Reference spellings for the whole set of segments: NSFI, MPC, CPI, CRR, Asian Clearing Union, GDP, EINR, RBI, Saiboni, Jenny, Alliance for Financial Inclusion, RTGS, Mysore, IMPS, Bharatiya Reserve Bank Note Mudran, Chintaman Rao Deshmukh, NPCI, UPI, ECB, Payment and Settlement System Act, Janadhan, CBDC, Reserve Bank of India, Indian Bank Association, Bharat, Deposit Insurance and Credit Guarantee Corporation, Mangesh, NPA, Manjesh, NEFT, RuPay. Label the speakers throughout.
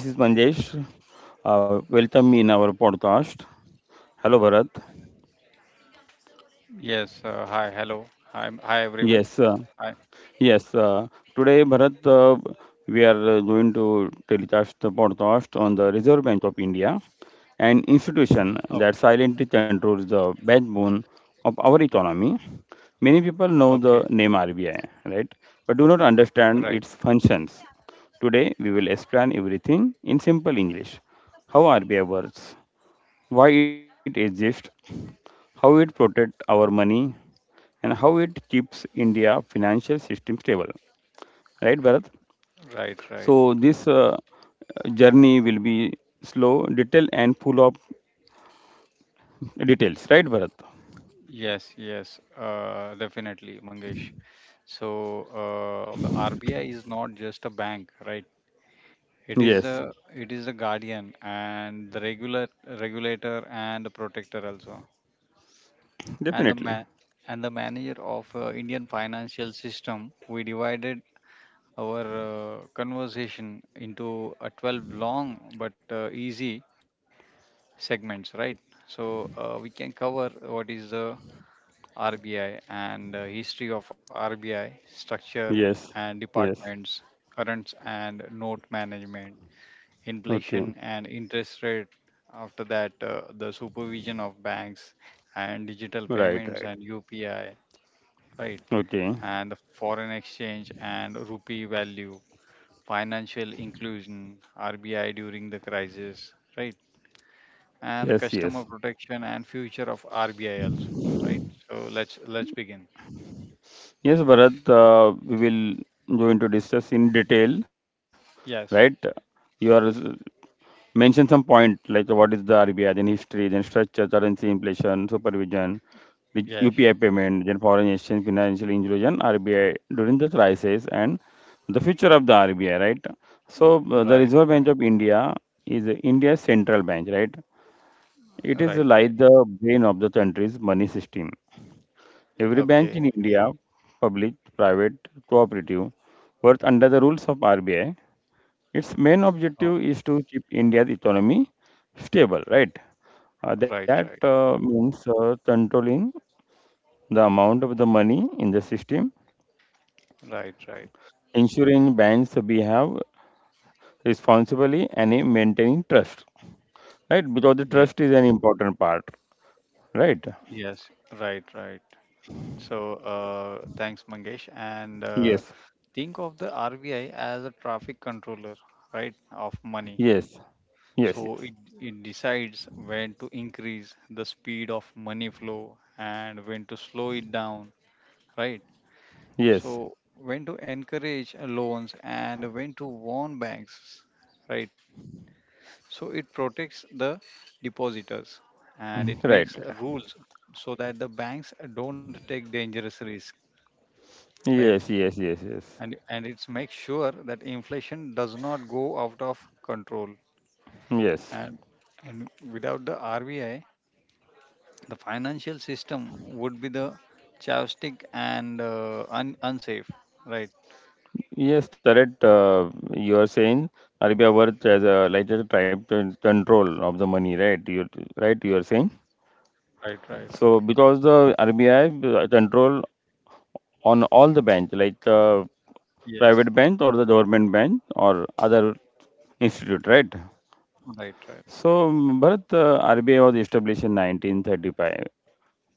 Speaker 1: This is Manjesh. Welcome in our podcast. Hello, Bharat.
Speaker 2: Yes, hi, hello. Hi, hi everyone.
Speaker 1: Yes, uh,
Speaker 2: Hi.
Speaker 1: yes. Uh, Today, Bharat, we are going to telecast the podcast on the Reserve Bank of India, an
Speaker 2: Okay,
Speaker 1: institution that silently controls the backbone of our economy. Many people know
Speaker 2: okay.
Speaker 1: the name RBI, right? But do not
Speaker 2: Right,
Speaker 1: understand its functions. Today, we will explain everything in simple English. How RBI works, why it exists, how it protects our money, and how it keeps India financial system stable. Right, Bharat?
Speaker 2: right, right.
Speaker 1: So this journey will be slow, detailed, and full of details. Right, Bharat?
Speaker 2: Yes, yes, definitely, Mangesh. So, the RBI is not just a bank, right? It is
Speaker 1: Yes,
Speaker 2: the it is the guardian and the regular regulator and the protector also. And the
Speaker 1: definitely.
Speaker 2: man and the manager of Indian financial system. We divided our conversation into a 12 long but easy segments, right? So we can cover what is the RBI and history of RBI structure and
Speaker 1: Yes, yes.
Speaker 2: departments, currents and note management, inflation
Speaker 1: Okay.
Speaker 2: and interest rate. After that, the supervision of banks and digital
Speaker 1: Right, right.
Speaker 2: payments and UPI, right?
Speaker 1: Okay.
Speaker 2: And the foreign exchange and rupee value, financial inclusion, RBI during the crisis, right? And the
Speaker 1: Yes,
Speaker 2: customer
Speaker 1: yes.
Speaker 2: protection and future of RBI also, right? So let's begin.
Speaker 1: Yes, Bharat, we will going to discuss in detail, right?
Speaker 2: Yes,
Speaker 1: Your Mention some point like what is the RBI, then history, then structure, currency, inflation, supervision, the
Speaker 2: yes,
Speaker 1: UPI payment, then foreign exchange, financial inclusion, RBI during the crisis, and the future of the RBI, right? So the
Speaker 2: right,
Speaker 1: Reserve Bank of India is India's central bank, right?
Speaker 2: right,
Speaker 1: It
Speaker 2: right,
Speaker 1: is
Speaker 2: right.
Speaker 1: like the brain of the country's money system. Every
Speaker 2: Okay.
Speaker 1: bank in India, public, private, cooperative, works under the rules of RBI. Its main
Speaker 2: Oh,
Speaker 1: objective is to keep India's economy stable, right? Uh, that
Speaker 2: right, right,
Speaker 1: uh, means uh, controlling the amount of the money in the system,
Speaker 2: right, right.
Speaker 1: ensuring banks behave responsibly, and maintaining trust, right? Because the
Speaker 2: Yes,
Speaker 1: trust is an important part, right?
Speaker 2: yes, right, right. So thanks, Mangesh, and
Speaker 1: Yes,
Speaker 2: think of the RBI as a traffic controller, right, of money.
Speaker 1: yes, yes,
Speaker 2: So it,
Speaker 1: yes,
Speaker 2: it decides when to increase the speed of money flow and when to slow it down, right?
Speaker 1: yes,
Speaker 2: So when to encourage loans and when to warn banks, right? So it protects the depositors and it makes
Speaker 1: right.
Speaker 2: rules so that the banks don't take dangerous risk, right?
Speaker 1: Yes, yes, yes, yes,
Speaker 2: And it's make sure that inflation does not go out of control,
Speaker 1: yes.
Speaker 2: and and without the RBI, the financial system would be the chaotic and unsafe, right?
Speaker 1: Yes, correct. You are saying Arabia worth as a lighter type control of the money, right? You Right. You are saying
Speaker 2: Right, right.
Speaker 1: so because the RBI control on all the bank, like private
Speaker 2: Yes,
Speaker 1: bank or the government bank or other institute, right?
Speaker 2: right, right.
Speaker 1: So Bharat, RBI was established in 1935,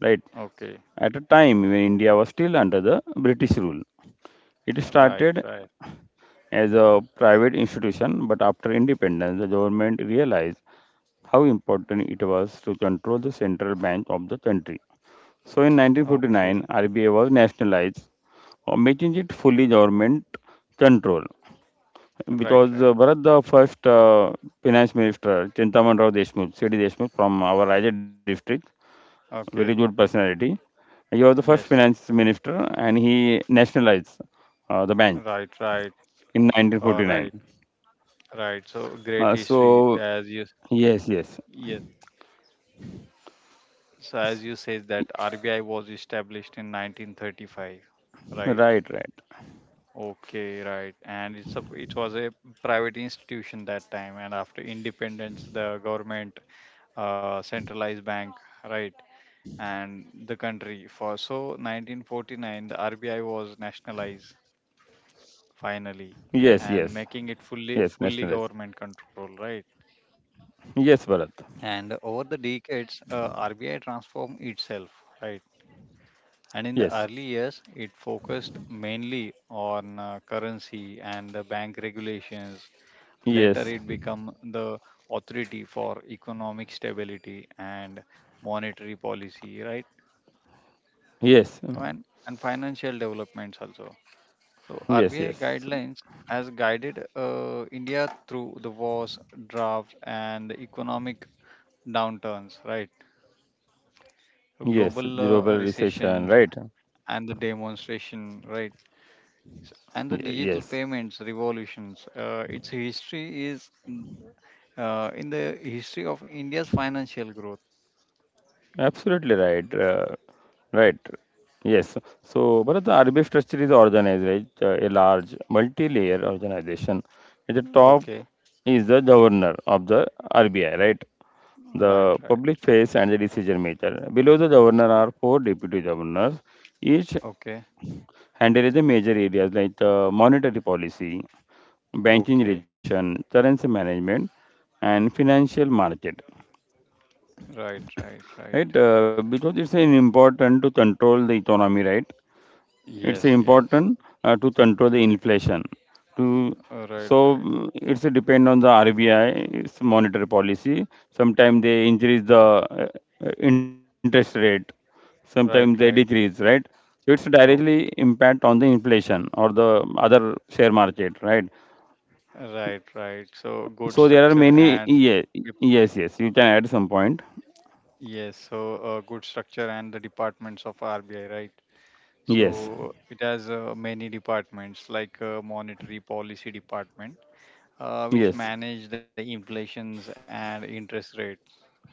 Speaker 1: right?
Speaker 2: Okay.
Speaker 1: At a time when India was still under the British rule, it
Speaker 2: Right,
Speaker 1: started
Speaker 2: right.
Speaker 1: as a private institution, but after independence, the government realized how important it was to control the central bank of the country. So in
Speaker 2: Okay.
Speaker 1: 1949, RBI was nationalized, making it fully government control.
Speaker 2: Right,
Speaker 1: Because
Speaker 2: right.
Speaker 1: Bharat, the first finance minister, Chintaman Rao Deshmukh, C.D. Deshmukh from our Raja district, very good
Speaker 2: Okay.
Speaker 1: personality. He was the first
Speaker 2: Yes.
Speaker 1: finance minister and he nationalized the bank
Speaker 2: Right, right.
Speaker 1: in
Speaker 2: All
Speaker 1: 1949.
Speaker 2: right, right. So great
Speaker 1: Uh,
Speaker 2: history
Speaker 1: so
Speaker 2: as you,
Speaker 1: yes, yes.
Speaker 2: yes. So as you says that RBI was established in 1935. Right.
Speaker 1: Right, right.
Speaker 2: Okay, right. And it was a private institution that time, and after independence the government centralized bank, right? And the country for so 1949 the RBI was nationalized
Speaker 1: Yes,
Speaker 2: finally,
Speaker 1: yes.
Speaker 2: and making it
Speaker 1: Yes,
Speaker 2: fully
Speaker 1: nationalize.
Speaker 2: fully government control, right.
Speaker 1: Yes, Bharat.
Speaker 2: And over the decades, RBI transformed itself, right. And in the
Speaker 1: Yes.
Speaker 2: early years it focused mainly on currency and the bank regulations. Later
Speaker 1: Yes.
Speaker 2: it became the authority for economic stability and monetary policy, right.
Speaker 1: Yes.
Speaker 2: So and financial developments also. So
Speaker 1: Yes,
Speaker 2: RBI
Speaker 1: yes.
Speaker 2: guidelines has guided India through the wars, droughts, and the economic downturns, right?
Speaker 1: Yes,
Speaker 2: The
Speaker 1: global
Speaker 2: global
Speaker 1: recession, right?
Speaker 2: recessions and the demonstration, right? And the digital
Speaker 1: Yes.
Speaker 2: payments revolutions. Its history is in the history of India's financial growth.
Speaker 1: Absolutely right. Right. Yes. So, but the RBF structure is organized, right? A large multi-layer organization. At the top
Speaker 2: Okay,
Speaker 1: is the governor of the RBI, right?
Speaker 2: right,
Speaker 1: The
Speaker 2: right.
Speaker 1: public face and the decision maker. Below the governor are 4 deputy governors, each
Speaker 2: Okay,
Speaker 1: handling the major areas like monetary policy, banking
Speaker 2: okay,
Speaker 1: regulation, currency management, and financial market,
Speaker 2: right, right, right.
Speaker 1: right? Because it's an important to control the economy, right? It's
Speaker 2: Yes, yes.
Speaker 1: important to control the inflation. To
Speaker 2: Right, right,
Speaker 1: it's a depend on the RBI, it's monetary policy. Sometimes they increase the interest rate, sometimes they
Speaker 2: right,
Speaker 1: decrease, right? So it's directly
Speaker 2: right.
Speaker 1: impact on the inflation or the other share market, right?
Speaker 2: Right, right. So good
Speaker 1: So there are
Speaker 2: structure
Speaker 1: many.
Speaker 2: and
Speaker 1: Yes,
Speaker 2: dep-
Speaker 1: yes, yes. You can add some point.
Speaker 2: yes, so good structure and the departments of RBI, right?
Speaker 1: Yes,
Speaker 2: So it has many departments like monetary policy department, which
Speaker 1: yes,
Speaker 2: manage the inflations and interest rates,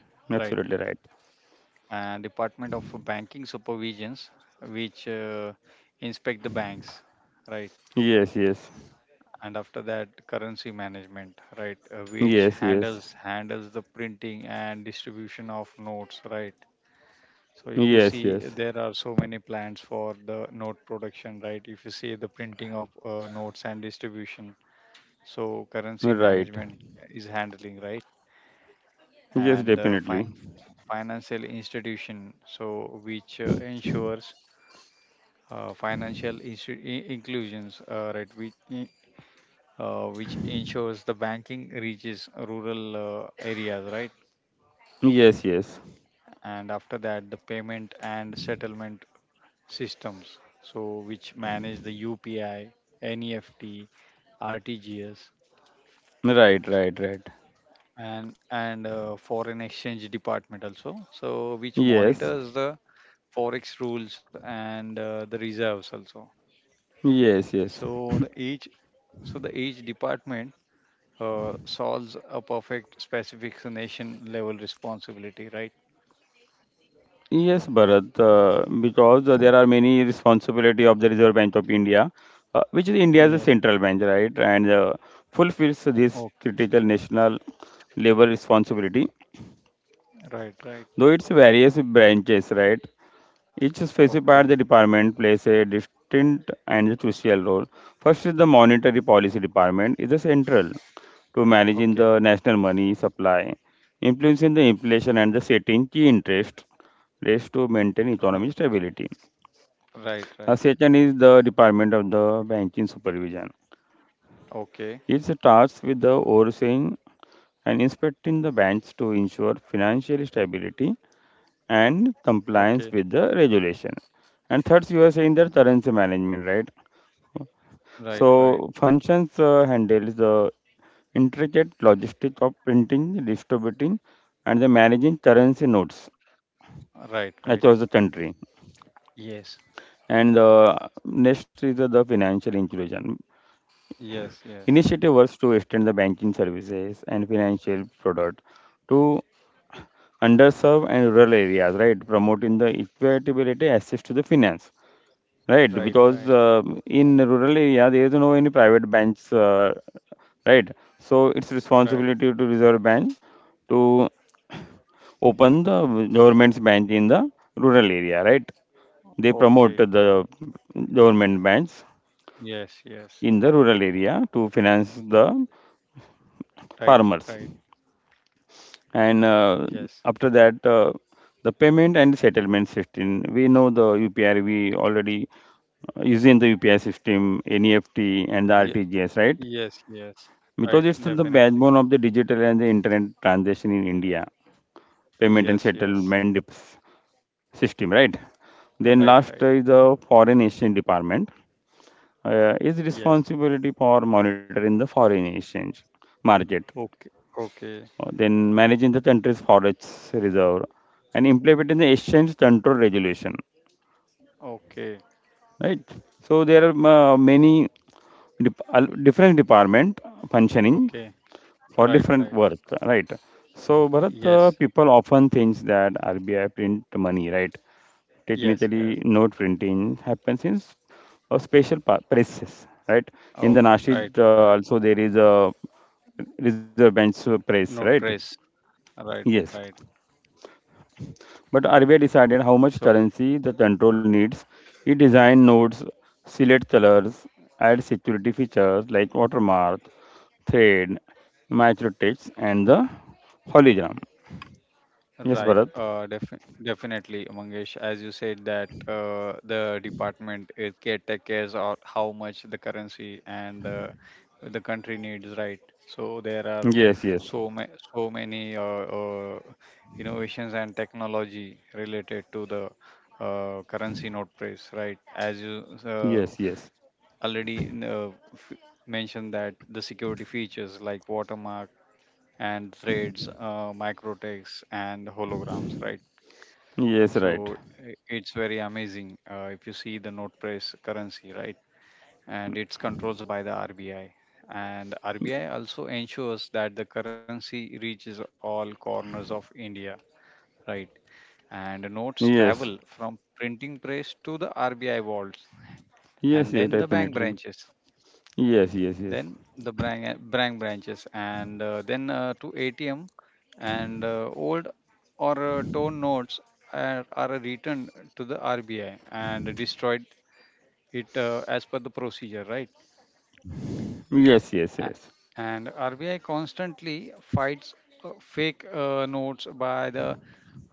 Speaker 2: right?
Speaker 1: absolutely right.
Speaker 2: And Department of Banking Supervisions, which inspect the banks, right?
Speaker 1: Yes, yes.
Speaker 2: And after that currency management, right, which
Speaker 1: Yes,
Speaker 2: handles
Speaker 1: yes,
Speaker 2: handles the printing and distribution of notes, right. So if you
Speaker 1: yes,
Speaker 2: see
Speaker 1: yes.
Speaker 2: there are so many plans for the note production, right. If you see the printing of notes and distribution, so currency
Speaker 1: Right.
Speaker 2: management is handling, right. And
Speaker 1: Yes, definitely.
Speaker 2: financial institution, so which ensures financial inclusions, right, which ensures the banking reaches rural areas, right?
Speaker 1: Yes, yes.
Speaker 2: And after that, the payment and settlement systems, so which manage the UPI, NEFT, RTGS,
Speaker 1: Right, right, right.
Speaker 2: and foreign exchange department also, so which monitors
Speaker 1: Yes,
Speaker 2: the forex rules and the reserves also.
Speaker 1: yes,
Speaker 2: So the
Speaker 1: yes.
Speaker 2: each so the each department solves a perfect specific nation level responsibility, right?
Speaker 1: Yes, Bharat, because there are many responsibility of the Reserve Bank of India, which is India's central bank, right, and fulfills this critical
Speaker 2: Okay,
Speaker 1: national level responsibility,
Speaker 2: right,
Speaker 1: though
Speaker 2: right.
Speaker 1: its various branches, right? Each specified the
Speaker 2: Okay,
Speaker 1: department plays a distinct and crucial role. First is the monetary policy department is the central to managing the
Speaker 2: okay.
Speaker 1: national money supply, influencing the inflation and the setting key interest rates to maintain economic
Speaker 2: R-
Speaker 1: stability. A
Speaker 2: Right, right.
Speaker 1: second is the department of the banking supervision. It's
Speaker 2: Okay,
Speaker 1: tasked with the overseeing and inspecting the banks to ensure financial stability and compliance
Speaker 2: okay.
Speaker 1: with the regulation. And third, you are saying that
Speaker 2: R-
Speaker 1: currency management, right?
Speaker 2: Right, right,
Speaker 1: So functions handles the intricate logistics of printing, distributing, and the managing currency notes across the
Speaker 2: right, right.
Speaker 1: country.
Speaker 2: Yes,
Speaker 1: And next is the financial inclusion.
Speaker 2: yes,
Speaker 1: Initiative
Speaker 2: yes.
Speaker 1: works to extend the banking services and financial product to underserved and rural areas, right? Promoting the equitability access to the finance. Right,
Speaker 2: Right,
Speaker 1: because
Speaker 2: right,
Speaker 1: in rural area there is no any private banks, right? So it's responsibility
Speaker 2: right.
Speaker 1: to reserve bank to open the government's bank in the rural area, right? They promote
Speaker 2: Okay,
Speaker 1: the government banks
Speaker 2: yes,
Speaker 1: in
Speaker 2: yes.
Speaker 1: the rural area to finance the
Speaker 2: Right,
Speaker 1: farmers.
Speaker 2: right.
Speaker 1: And
Speaker 2: Yes,
Speaker 1: after that The payment and settlement system, we know the UPI we already uh, using the UPI system, NEFT and the
Speaker 2: Ye-
Speaker 1: RTGS, right?
Speaker 2: yes, yes.
Speaker 1: Because
Speaker 2: Right,
Speaker 1: it's the
Speaker 2: definitely.
Speaker 1: backbone of the digital and the internet transaction in India. Payment and
Speaker 2: Yes, yes.
Speaker 1: settlement system, right? Then last
Speaker 2: Right,
Speaker 1: is
Speaker 2: right.
Speaker 1: the foreign exchange department, is
Speaker 2: Yes.
Speaker 1: responsibility for monitoring the foreign exchange market.
Speaker 2: Okay, okay,
Speaker 1: Then managing the country's forest reserve and implementing the exchange control regulation,
Speaker 2: okay,
Speaker 1: right? So there are many different department functioning
Speaker 2: okay.
Speaker 1: for different
Speaker 2: Right, right.
Speaker 1: work, right? So Bharat,
Speaker 2: Yes,
Speaker 1: people often thinks that RBI print money, right? Technically,
Speaker 2: yes, yes.
Speaker 1: note printing happens in a special presses, right? In the
Speaker 2: Okay,
Speaker 1: nashid,
Speaker 2: right, right.
Speaker 1: also there is a reserve bank press, right?
Speaker 2: Not press. Right,
Speaker 1: Yes.
Speaker 2: right.
Speaker 1: But RBI decided how much
Speaker 2: So,
Speaker 1: currency the control needs. It designed notes, select colors, add security features like watermark, thread,
Speaker 2: y-
Speaker 1: microtext, and the hologram. Yes,
Speaker 2: right,
Speaker 1: Bharat.
Speaker 2: definitely, Mangesh, as you said that the department is cares of how much the currency and the country needs, right? So there are
Speaker 1: Yes, yes,
Speaker 2: so many uh, innovations and technology related to the currency note price, right? As you
Speaker 1: yes, yes,
Speaker 2: already mentioned that the security features like watermark and threads, microtext, and holograms, right?
Speaker 1: yes,
Speaker 2: So
Speaker 1: right.
Speaker 2: it's very amazing if you see the note price currency, right? And it's controlled by the RBI. And RBI also ensures that the currency reaches all corners of India, right? And the notes travel
Speaker 1: Yes,
Speaker 2: from printing press to the RBI vaults and
Speaker 1: yes, yes,
Speaker 2: then the bank
Speaker 1: definitely.
Speaker 2: branches,
Speaker 1: Yes, yes,
Speaker 2: then
Speaker 1: yes,
Speaker 2: the branches, and then to ATM, and old or torn notes are returned to the RBI and destroyed it as per the procedure, right.
Speaker 1: yes, yes,
Speaker 2: A-
Speaker 1: yes.
Speaker 2: and RBI constantly fights fake notes by the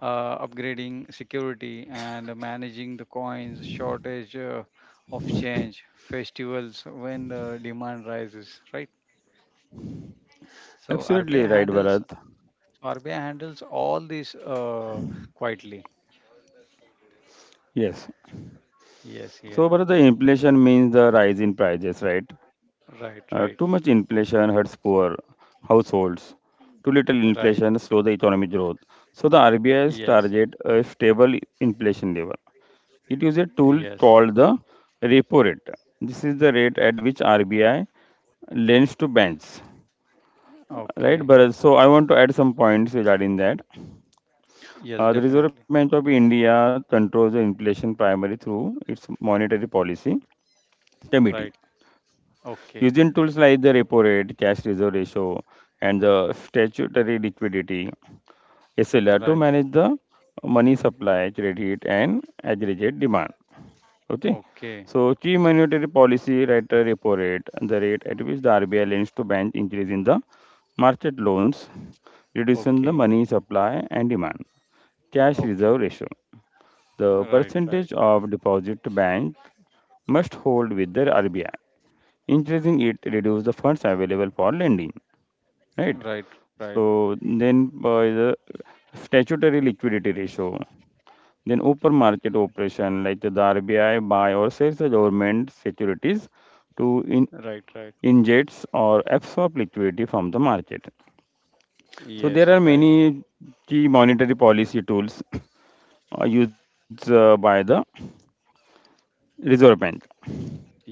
Speaker 2: upgrading security and managing the coins shortage of change festivals when the demand rises, right. So
Speaker 1: Absolutely
Speaker 2: RBI
Speaker 1: right,
Speaker 2: handles
Speaker 1: Bharat.
Speaker 2: RBI handles all this quietly.
Speaker 1: Yes.
Speaker 2: Yes,
Speaker 1: So,
Speaker 2: yes.
Speaker 1: Bharat, the inflation means the rise in prices, right?
Speaker 2: Right,
Speaker 1: Too much
Speaker 2: right,
Speaker 1: inflation hurts poor households. Too little
Speaker 2: right.
Speaker 1: inflation slows the economic growth. So the RBI's
Speaker 2: Yes,
Speaker 1: target a stable inflation level. It uses a tool
Speaker 2: yes.
Speaker 1: called the repo rate. This is the rate at which RBI lends to banks.
Speaker 2: Okay.
Speaker 1: Right, Bharat? So I want to add some points regarding that.
Speaker 2: Yes,
Speaker 1: The
Speaker 2: definitely.
Speaker 1: Reserve Bank of India controls the inflation primarily through its monetary policy
Speaker 2: Right.
Speaker 1: committee.
Speaker 2: Okay.
Speaker 1: Using tools like the repo rate, cash reserve ratio, and the statutory liquidity SLR to
Speaker 2: Right.
Speaker 1: manage the money supply, credit, and aggregate demand. Okay.
Speaker 2: Okay.
Speaker 1: So key monetary policy rate, repo rate, the rate at which the RBI lends to banks increasing the market loans, reducing the
Speaker 2: Okay.
Speaker 1: money supply and demand. Cash
Speaker 2: Okay.
Speaker 1: reserve ratio. The
Speaker 2: Right, right.
Speaker 1: percentage of deposit to bank must hold with the RBI. Increasing it reduces the funds available for lending, right?
Speaker 2: Right, right.
Speaker 1: So then the statutory liquidity ratio, then open market operation like the RBI buy or sells the government securities to in
Speaker 2: Right, right.
Speaker 1: injects or absorb liquidity from the market. So
Speaker 2: Yes,
Speaker 1: there are
Speaker 2: right.
Speaker 1: many key monetary policy tools used by the Reserve Bank.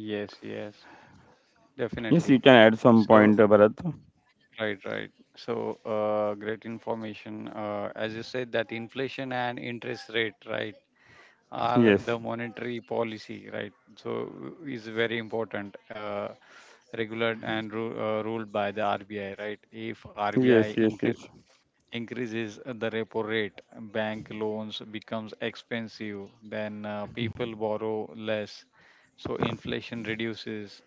Speaker 2: Yes, yes.
Speaker 1: Yes, you
Speaker 2: Definitely.
Speaker 1: can add some
Speaker 2: So,
Speaker 1: point, Bharat.
Speaker 2: right, right. So, great information. As you said, that inflation and interest rate, right? are
Speaker 1: Yes,
Speaker 2: the monetary policy, right? So is very important, regulated and ruled by the RBI, right? If RBI
Speaker 1: yes, yes, yes,
Speaker 2: increases the repo rate, bank loans becomes expensive, then people borrow less, so inflation reduces.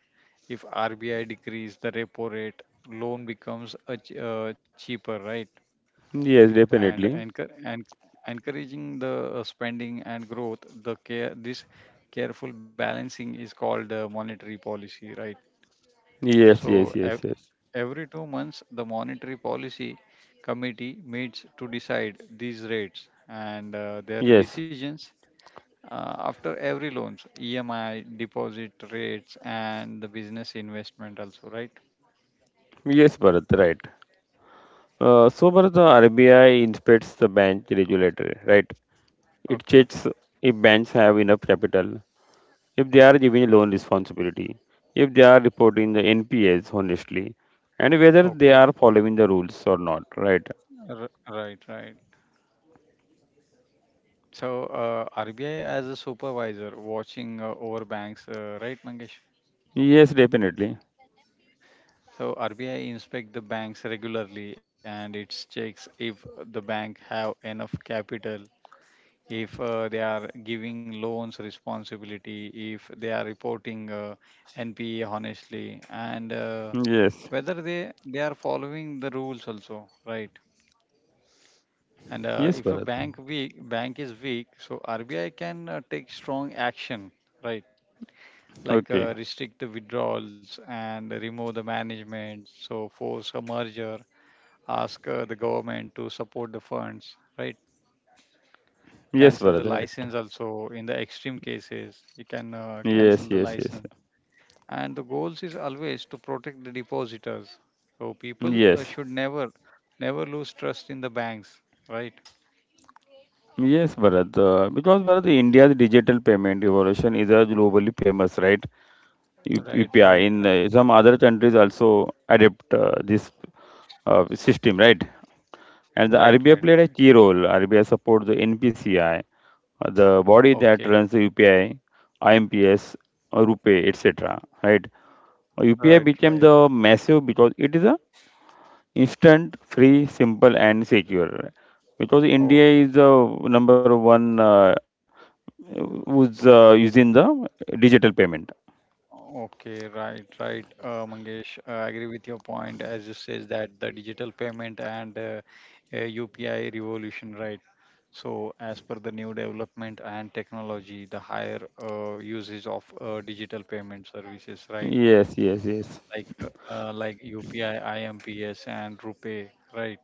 Speaker 2: If RBI decrease the repo rate, loan becomes a cheaper, right?
Speaker 1: yes,
Speaker 2: and
Speaker 1: definitely.
Speaker 2: encour- and encouraging the spending and growth. The care This careful balancing is called monetary policy, right.
Speaker 1: Yes,
Speaker 2: So
Speaker 1: yes, yes, yes,
Speaker 2: every 2 months the monetary policy committee meets to decide these rates, and their
Speaker 1: yes,
Speaker 2: decisions after every loans EMI deposit rates and the business investment also, right.
Speaker 1: yes, Bharat, right. So, Bharat, the RBI inspects the bank regulator, right? It
Speaker 2: Okay,
Speaker 1: checks if banks have enough capital, if they are giving loan responsibility, if they are reporting the NPAs honestly, and whether they
Speaker 2: okay.
Speaker 1: are following the rules or not, right?
Speaker 2: R- right, right. So RBI as a supervisor watching over banks, right, Mangesh?
Speaker 1: Yes, definitely.
Speaker 2: So RBI inspect the banks regularly and it checks if the bank have enough capital, if they are giving loans responsibility, if they are reporting NPA honestly, and
Speaker 1: Yes.
Speaker 2: whether they are following the rules also, right? And
Speaker 1: Yes,
Speaker 2: if a
Speaker 1: Bharat.
Speaker 2: bank weak bank is weak, so RBI can take strong action, right? Like
Speaker 1: Okay.
Speaker 2: restrict the withdrawals and remove the management, so force a merger, ask the government to support the funds, right?
Speaker 1: Yes,
Speaker 2: Cancel the
Speaker 1: Bharat, right.
Speaker 2: license also in the extreme cases, you can
Speaker 1: Yes,
Speaker 2: cancel the
Speaker 1: yes, yes.
Speaker 2: license. And the goals is always to protect the depositors. So people
Speaker 1: Yes.
Speaker 2: should never, never lose trust in the banks, right?
Speaker 1: Yes, Bharat. Because Bharat, India's digital payment revolution is a globally famous, right?
Speaker 2: Right,
Speaker 1: UPI
Speaker 2: right,
Speaker 1: in
Speaker 2: right,
Speaker 1: some other countries also adopt this system, right?
Speaker 2: right,
Speaker 1: And the
Speaker 2: right,
Speaker 1: RBI
Speaker 2: right.
Speaker 1: played a key role. RBI supports the NPCI, the body
Speaker 2: Okay,
Speaker 1: that runs the UPI, IMPS, Rupee, etc. Right? UPI
Speaker 2: right,
Speaker 1: became
Speaker 2: right.
Speaker 1: the massive because it is a instant, free, simple, and secure. Because India is the number one who's using the digital payment.
Speaker 2: Okay, right, right, Mangesh. I agree with your point as it says that the digital payment and uh, UPI revolution, right? So, as per the new development and technology, the higher usage of digital payment services, right?
Speaker 1: Yes, yes, yes.
Speaker 2: Like UPI, IMPS, and RuPay, right?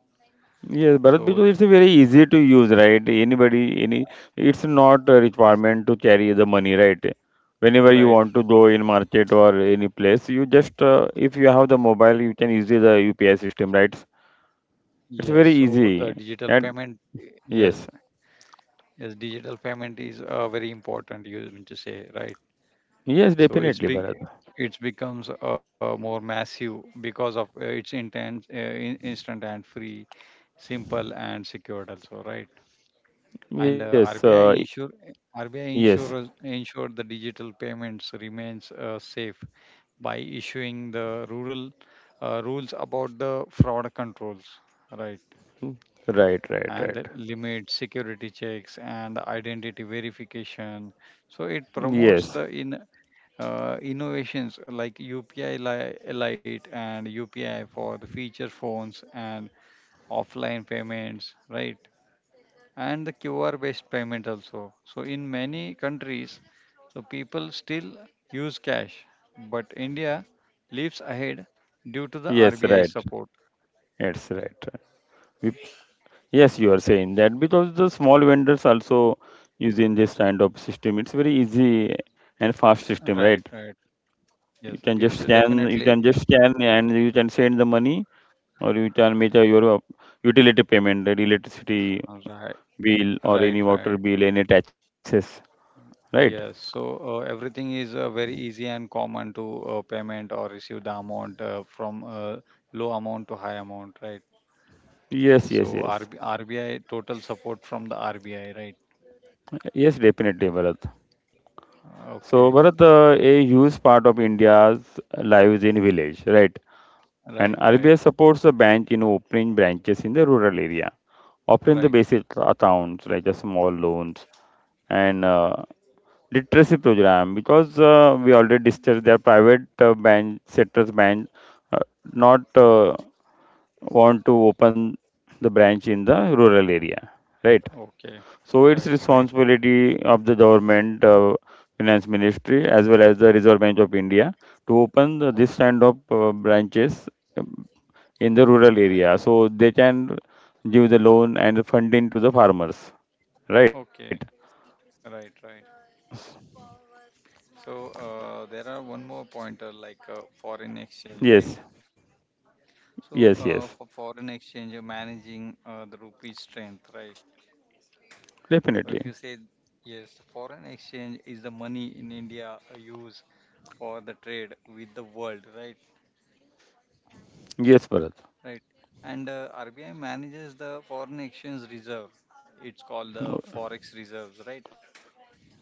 Speaker 1: Yes, Bharat,
Speaker 2: So,
Speaker 1: because it's very easy to use, right? It's not a requirement to carry the money, right? Whenever you
Speaker 2: right,
Speaker 1: want to go in market or any place, you just, if you have the mobile, you can use the UPI system, right?
Speaker 2: yes.
Speaker 1: It's very
Speaker 2: So
Speaker 1: easy. And
Speaker 2: yes,
Speaker 1: yes,
Speaker 2: yes, digital payment is very important. You mean to say, right?
Speaker 1: yes,
Speaker 2: So
Speaker 1: definitely, Bharat.
Speaker 2: it becomes more massive because of its intense instant and free, simple, and secured also, right. And
Speaker 1: Yes,
Speaker 2: rbi insure rbi
Speaker 1: yes,
Speaker 2: insurers ensure the digital payments remains safe by issuing the rural rules about the fraud controls, right.
Speaker 1: mm, right, right,
Speaker 2: And the
Speaker 1: right.
Speaker 2: limit security checks and identity verification. So it promotes the
Speaker 1: Yes,
Speaker 2: in innovations like UPI Lite and UPI for the feature phones and offline payments, right? And the QR based payment also. So, in many countries, so people still use cash, but India leaps ahead due to the
Speaker 1: yes,
Speaker 2: RBI
Speaker 1: right.
Speaker 2: support.
Speaker 1: That's right. We Yes, you are saying that because the small vendors also using this kind of system. It's very easy and fast
Speaker 2: Right,
Speaker 1: system, right?
Speaker 2: right. Yes, it's
Speaker 1: You
Speaker 2: definitely
Speaker 1: can just scan and you can send the money, or you can make a, your utility payment, that electricity
Speaker 2: right,
Speaker 1: bill or
Speaker 2: right,
Speaker 1: any
Speaker 2: right.
Speaker 1: water bill, any taxes, right?
Speaker 2: Yes, so everything is very easy and common to payment or receive the amount from low amount to high amount, right?
Speaker 1: Yes, yes,
Speaker 2: So
Speaker 1: yes.
Speaker 2: RB, RBI total support from the RBI, right?
Speaker 1: Yes, definitely, Bharat. So,
Speaker 2: Okay,
Speaker 1: Bharat, a huge part of India's lives in village, right? And
Speaker 2: right,
Speaker 1: RBI
Speaker 2: right,
Speaker 1: supports the bank in opening branches in the rural area. Often the
Speaker 2: right.
Speaker 1: basic accounts like the small loans and literacy program because we already discussed their private bank uh, not want to open the branch in the rural area, right?
Speaker 2: Okay,
Speaker 1: So
Speaker 2: right,
Speaker 1: it's
Speaker 2: right.
Speaker 1: responsibility of the government, finance ministry, as well as the Reserve Bank of India to open this
Speaker 2: Okay,
Speaker 1: kind of branches um, in the rural
Speaker 2: right.
Speaker 1: area, so they can give the loan and funding to the farmers. Right.
Speaker 2: Okay, right, right. So there are one more pointer like foreign exchange, right?
Speaker 1: Yes. Yes.
Speaker 2: So,
Speaker 1: Yes.
Speaker 2: for foreign exchange, you're managing the rupee strength, right? So, if you
Speaker 1: Definitely.
Speaker 2: say yes, foreign exchange is the money in India used for the trade with the world, right?
Speaker 1: Yes, Bharat.
Speaker 2: Right. And RBI manages the foreign exchange reserve. It's called the forex reserves, right?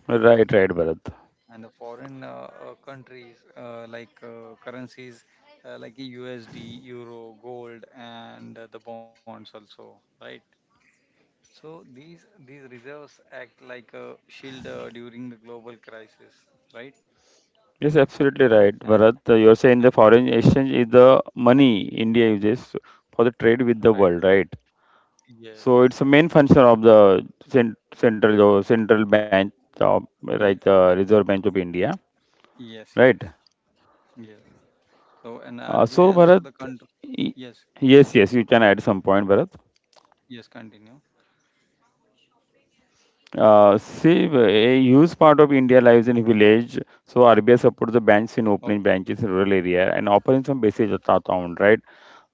Speaker 1: Right. Right, Bharat.
Speaker 2: And the foreign countries like currencies like USD, euro, gold, and the bonds also, right? So these reserves act like a shield during the global crisis, right?
Speaker 1: Yes, absolutely right,
Speaker 2: And
Speaker 1: Bharat. You're saying
Speaker 2: uh,
Speaker 1: the foreign exchange is the money India uses for the trade with the
Speaker 2: right,
Speaker 1: world, right?
Speaker 2: yes,
Speaker 1: So it's a main function of the central bank of
Speaker 2: Ye-
Speaker 1: Reserve Bank of India,
Speaker 2: yes,
Speaker 1: right?
Speaker 2: yes, yes. So and RBI
Speaker 1: So
Speaker 2: also
Speaker 1: Bharat,
Speaker 2: the country.
Speaker 1: y-
Speaker 2: Yes,
Speaker 1: yes, yes, you can add some point, Bharat.
Speaker 2: yes. Continue.
Speaker 1: See, a huge part of India lives in village, so RBI supports the banks in
Speaker 2: Okay,
Speaker 1: opening branches in rural area and offering some basic account, right?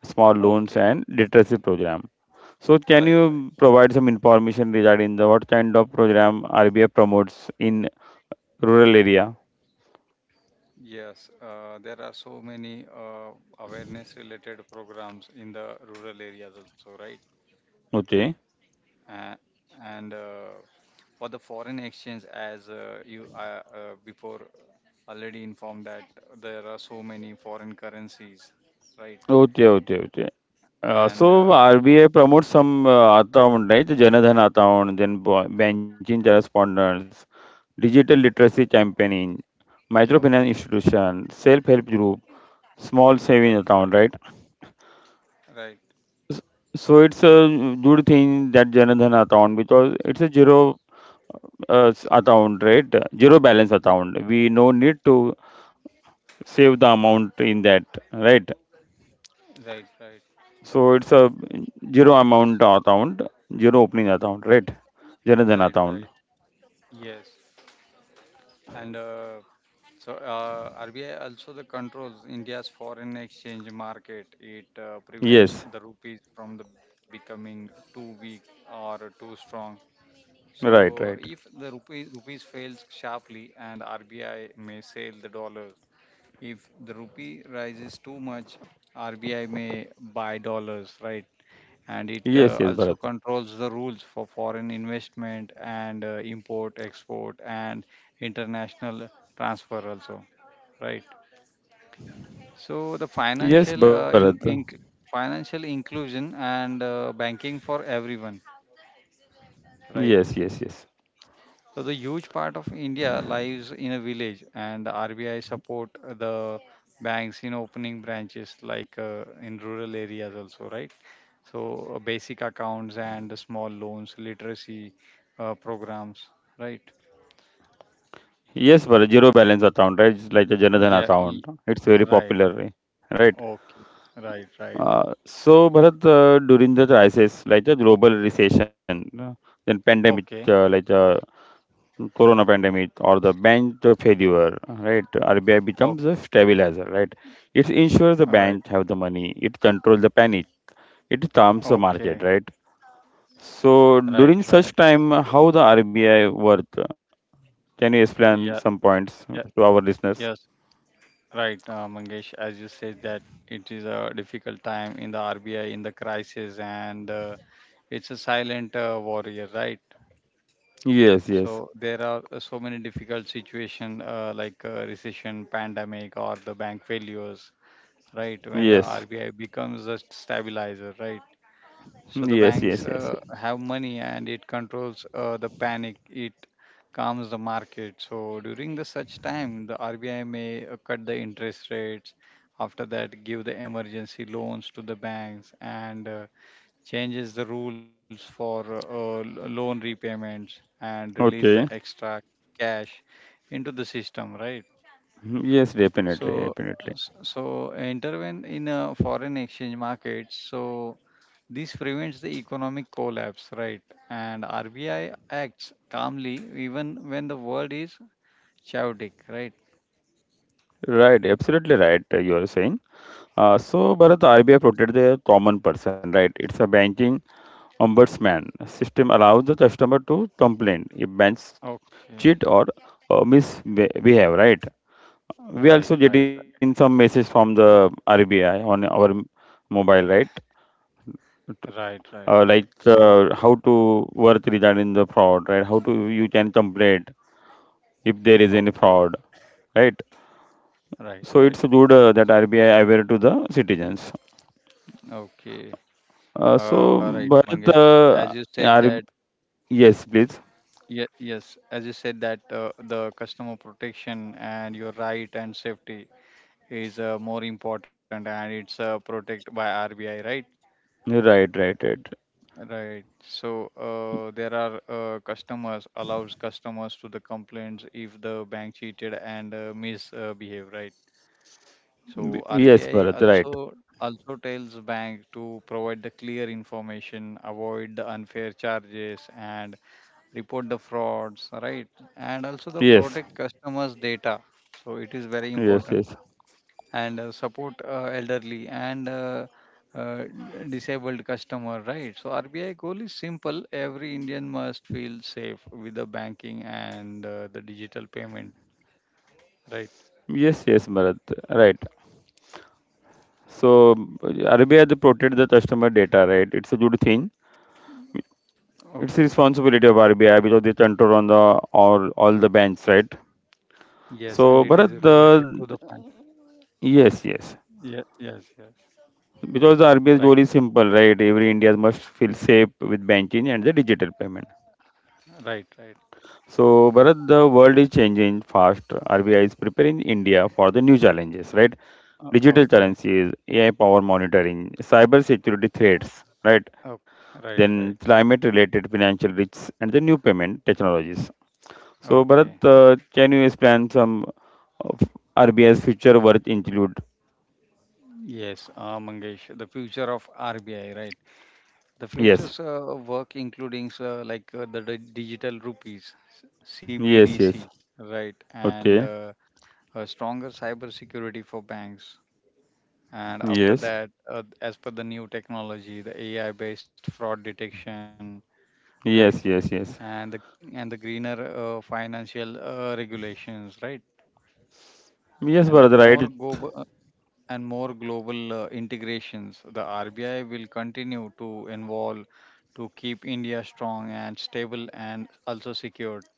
Speaker 1: Small loans
Speaker 2: okay.
Speaker 1: and literacy program. So, can
Speaker 2: Right, right.
Speaker 1: you provide some information regarding the what kind of program RBI promotes in rural area?
Speaker 2: Yes, there are so many awareness related programs in the rural areas also, right?
Speaker 1: Okay,
Speaker 2: uh, and For the foreign exchange, as you before already informed, that there are so many foreign currencies, right?
Speaker 1: okay, okay, okay.
Speaker 2: And
Speaker 1: So RBI promotes some account, right? Janadhan account, then banking correspondence, digital literacy campaigning, microfinance
Speaker 2: okay
Speaker 1: institution, self-help group, small saving
Speaker 2: right right
Speaker 1: account, right?
Speaker 2: right
Speaker 1: So it's a good thing that Janadhan account because it's a zero account, right? Zero balance
Speaker 2: Y-
Speaker 1: account. We no need to save the amount in that, right?
Speaker 2: right right
Speaker 1: So it's a zero amount account, zero opening account, right? Janadhan
Speaker 2: right
Speaker 1: account.
Speaker 2: right Yes. And so RBI also the controls India's foreign exchange market. It prevents
Speaker 1: Yes,
Speaker 2: the rupees from the becoming too weak or too strong. So
Speaker 1: right,
Speaker 2: if
Speaker 1: right.
Speaker 2: the rupees fails sharply, and RBI may sell the dollars. If the rupee rises too much, RBI may buy dollars, right? And it
Speaker 1: Yes, yes,
Speaker 2: also
Speaker 1: Bharat.
Speaker 2: controls the rules for foreign investment and import export and international transfer also, right? So the
Speaker 1: Yes,
Speaker 2: financial
Speaker 1: Bharat.
Speaker 2: financial inclusion and banking for everyone,
Speaker 1: Yes,
Speaker 2: right.
Speaker 1: yes, yes.
Speaker 2: So the huge part of India lives in a village, and RBI support the banks in opening branches, like in rural areas also, right? So basic accounts and small loans, literacy programs, right?
Speaker 1: Yes, Bharat. Zero balance account, right? It's like a Janadhan
Speaker 2: Yeah,
Speaker 1: account.
Speaker 2: y-
Speaker 1: It's very
Speaker 2: right.
Speaker 1: popular, eh? Right?
Speaker 2: Okay, right, right.
Speaker 1: So, Bharat, during the crisis, like the global recession, then pandemic,
Speaker 2: Okay,
Speaker 1: like the corona pandemic or the bank failure, right? RBI
Speaker 2: okay,
Speaker 1: becomes a stabilizer, right? It ensures the
Speaker 2: right.
Speaker 1: bank have the money. It controls the panic. It calms the
Speaker 2: Okay,
Speaker 1: market, right? So
Speaker 2: right,
Speaker 1: during
Speaker 2: right.
Speaker 1: such time, how the RBI work? Can you explain
Speaker 2: Yeah,
Speaker 1: some points
Speaker 2: yeah,
Speaker 1: to our listeners?
Speaker 2: yes. Right, Mangesh, as you said that, it is a difficult time in the RBI in the crisis, and it's a silent warrior, right?
Speaker 1: Yes, yes,
Speaker 2: So there are so many difficult situation, like recession, pandemic, or the bank failures, right? When the
Speaker 1: yes,
Speaker 2: RBI becomes a stabilizer, right? So the
Speaker 1: yes,
Speaker 2: banks
Speaker 1: yes, yes, yes.
Speaker 2: have money, and it controls the panic. It calms the market. So during the such time, the RBI may cut the interest rates. After that, give the emergency loans to the banks, and changes the rules for loan repayments, and release the
Speaker 1: Okay.
Speaker 2: extra cash into the system, right?
Speaker 1: Yes,
Speaker 2: So,
Speaker 1: definitely, definitely.
Speaker 2: so intervene in a foreign exchange markets. So this prevents the economic collapse, right? And RBI acts calmly even when the world is chaotic, right?
Speaker 1: Right, absolutely right. You are saying. So, Bharat, the RBI protects the common person, right? It's a banking ombudsman system allows the customer to complain if banks
Speaker 2: Okay.
Speaker 1: cheat or misbehave, right?
Speaker 2: Right,
Speaker 1: We
Speaker 2: right,
Speaker 1: also getting some message from the RBI on our mobile, right?
Speaker 2: right, right, right, right. So,
Speaker 1: How to work regarding the fraud, right? How to you can complain if there is any
Speaker 2: okay,
Speaker 1: fraud, right?
Speaker 2: right,
Speaker 1: So
Speaker 2: right,
Speaker 1: it's good that RBI aware to the citizens.
Speaker 2: okay.
Speaker 1: Uh, so
Speaker 2: Right, Mangesh.
Speaker 1: Bharat,
Speaker 2: As you
Speaker 1: uh,
Speaker 2: said that,
Speaker 1: R- yes, please.
Speaker 2: ye- Yes, as you said that, the customer protection and your right and safety is more important, and it's protected by RBI, right?
Speaker 1: Right, right, right.
Speaker 2: Right. So there are customers allows customers to the complaints if the bank cheated, and misbehave, right? So
Speaker 1: Yes,
Speaker 2: RBI
Speaker 1: Bharat, right.
Speaker 2: also tells bank to provide the clear information, avoid the unfair charges, and report the frauds, right? And also the
Speaker 1: Yes,
Speaker 2: protect customers' data. So it is very
Speaker 1: yes,
Speaker 2: important,
Speaker 1: yes.
Speaker 2: and support elderly and uh, disabled customer, right. So RBI goal is simple: every Indian must feel safe with the banking and the digital payment, right.
Speaker 1: Yes, yes, Bharat. Right. So RBI they protect the customer data, right? It's a good thing.
Speaker 2: Okay.
Speaker 1: It's the responsibility of RBI because they control on the all the banks, right?
Speaker 2: Yes, and
Speaker 1: So,
Speaker 2: it is
Speaker 1: Bharat,
Speaker 2: related
Speaker 1: the
Speaker 2: to the fund.
Speaker 1: Yes, yes,
Speaker 2: Yeah, yes, yes,
Speaker 1: because the
Speaker 2: right,
Speaker 1: RBI's goal is simple, right? Every Indian must feel safe with banking and the digital payment.
Speaker 2: right, right.
Speaker 1: So, Bharat, the world is changing fast. RBI is preparing India for the new challenges, right? Digital
Speaker 2: Okay.
Speaker 1: currencies, AI power monitoring, cyber security threats, right?
Speaker 2: Oh, right,
Speaker 1: Then
Speaker 2: right,
Speaker 1: climate related financial risks and the new payment technologies. So, Bharat,
Speaker 2: okay.
Speaker 1: can you explain some of RBI's future worth include?
Speaker 2: Yes, Mangesh, the future of RBI, right. The
Speaker 1: Yes,
Speaker 2: futures work including digital rupees,
Speaker 1: yes,
Speaker 2: CBDC,
Speaker 1: yes.
Speaker 2: right, and
Speaker 1: Okay,
Speaker 2: a stronger cybersecurity for banks. And after
Speaker 1: yes,
Speaker 2: that, as per the new technology, the AI-based fraud detection, right,
Speaker 1: yes, yes, yes.
Speaker 2: and the and the greener financial regulations, right.
Speaker 1: Yes,
Speaker 2: And the
Speaker 1: Bharat, right.
Speaker 2: more go and more global integrations. The RBI will continue to involve to keep India strong and stable, and also secured.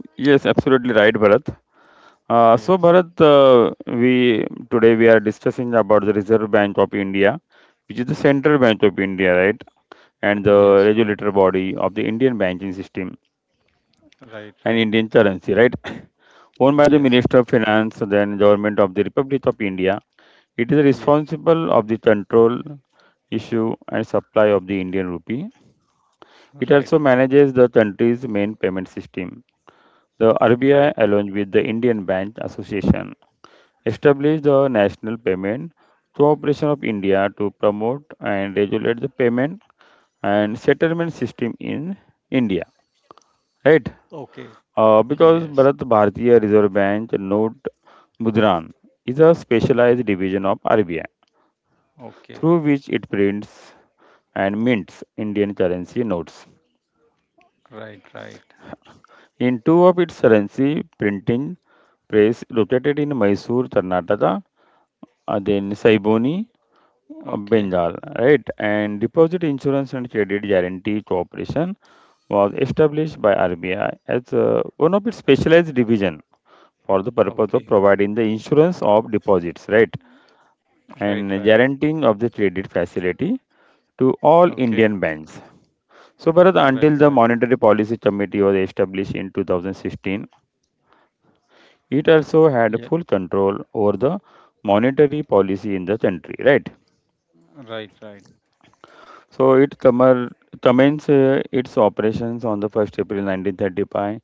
Speaker 1: Yes, absolutely right, Bharat. So,
Speaker 2: Yes,
Speaker 1: Bharat, we Today we are discussing about the Reserve Bank of India, which is the central bank of India, right, and the
Speaker 2: yes,
Speaker 1: regulator
Speaker 2: yeah,
Speaker 1: body of the Indian banking system
Speaker 2: right,
Speaker 1: and
Speaker 2: right.
Speaker 1: Indian currency, right, owned by the
Speaker 2: Yes,
Speaker 1: Minister of Finance, then Government of the Republic of India. It is
Speaker 2: yeah,
Speaker 1: responsible of the control, issue and supply of the Indian rupee. It also
Speaker 2: right, right,
Speaker 1: manages the country's main payment system. The RBI
Speaker 2: right.
Speaker 1: along with the Indian Bank Association established the National Payment Cooperation of India to promote and regulate the payment and settlement system in India. Right?
Speaker 2: Okay,
Speaker 1: Because
Speaker 2: yes,
Speaker 1: Bharat Bharatiya Reserve Bank note Mudran is a specialized division of RBI, through
Speaker 2: okay,
Speaker 1: which it prints and mints Indian currency notes,
Speaker 2: right, right.
Speaker 1: in two of its currency printing press located in Mysore, Karnataka, then Saiboni,
Speaker 2: Okay,
Speaker 1: Bengal, right? And Deposit Insurance and Credit Guarantee Corporation was established by RBI as one of its specialized division for the purpose of
Speaker 2: okay,
Speaker 1: providing the insurance of deposits, right?
Speaker 2: right,
Speaker 1: And
Speaker 2: right.
Speaker 1: guaranteeing of the credit facility to all
Speaker 2: Okay,
Speaker 1: Indian banks. So, Bharat, until
Speaker 2: right,
Speaker 1: the
Speaker 2: right.
Speaker 1: Monetary Policy Committee was established in 2016, it also had
Speaker 2: Yeah,
Speaker 1: full control over the monetary policy in the country, right?
Speaker 2: right, right.
Speaker 1: So, it commenced its operations on the 1st April 1935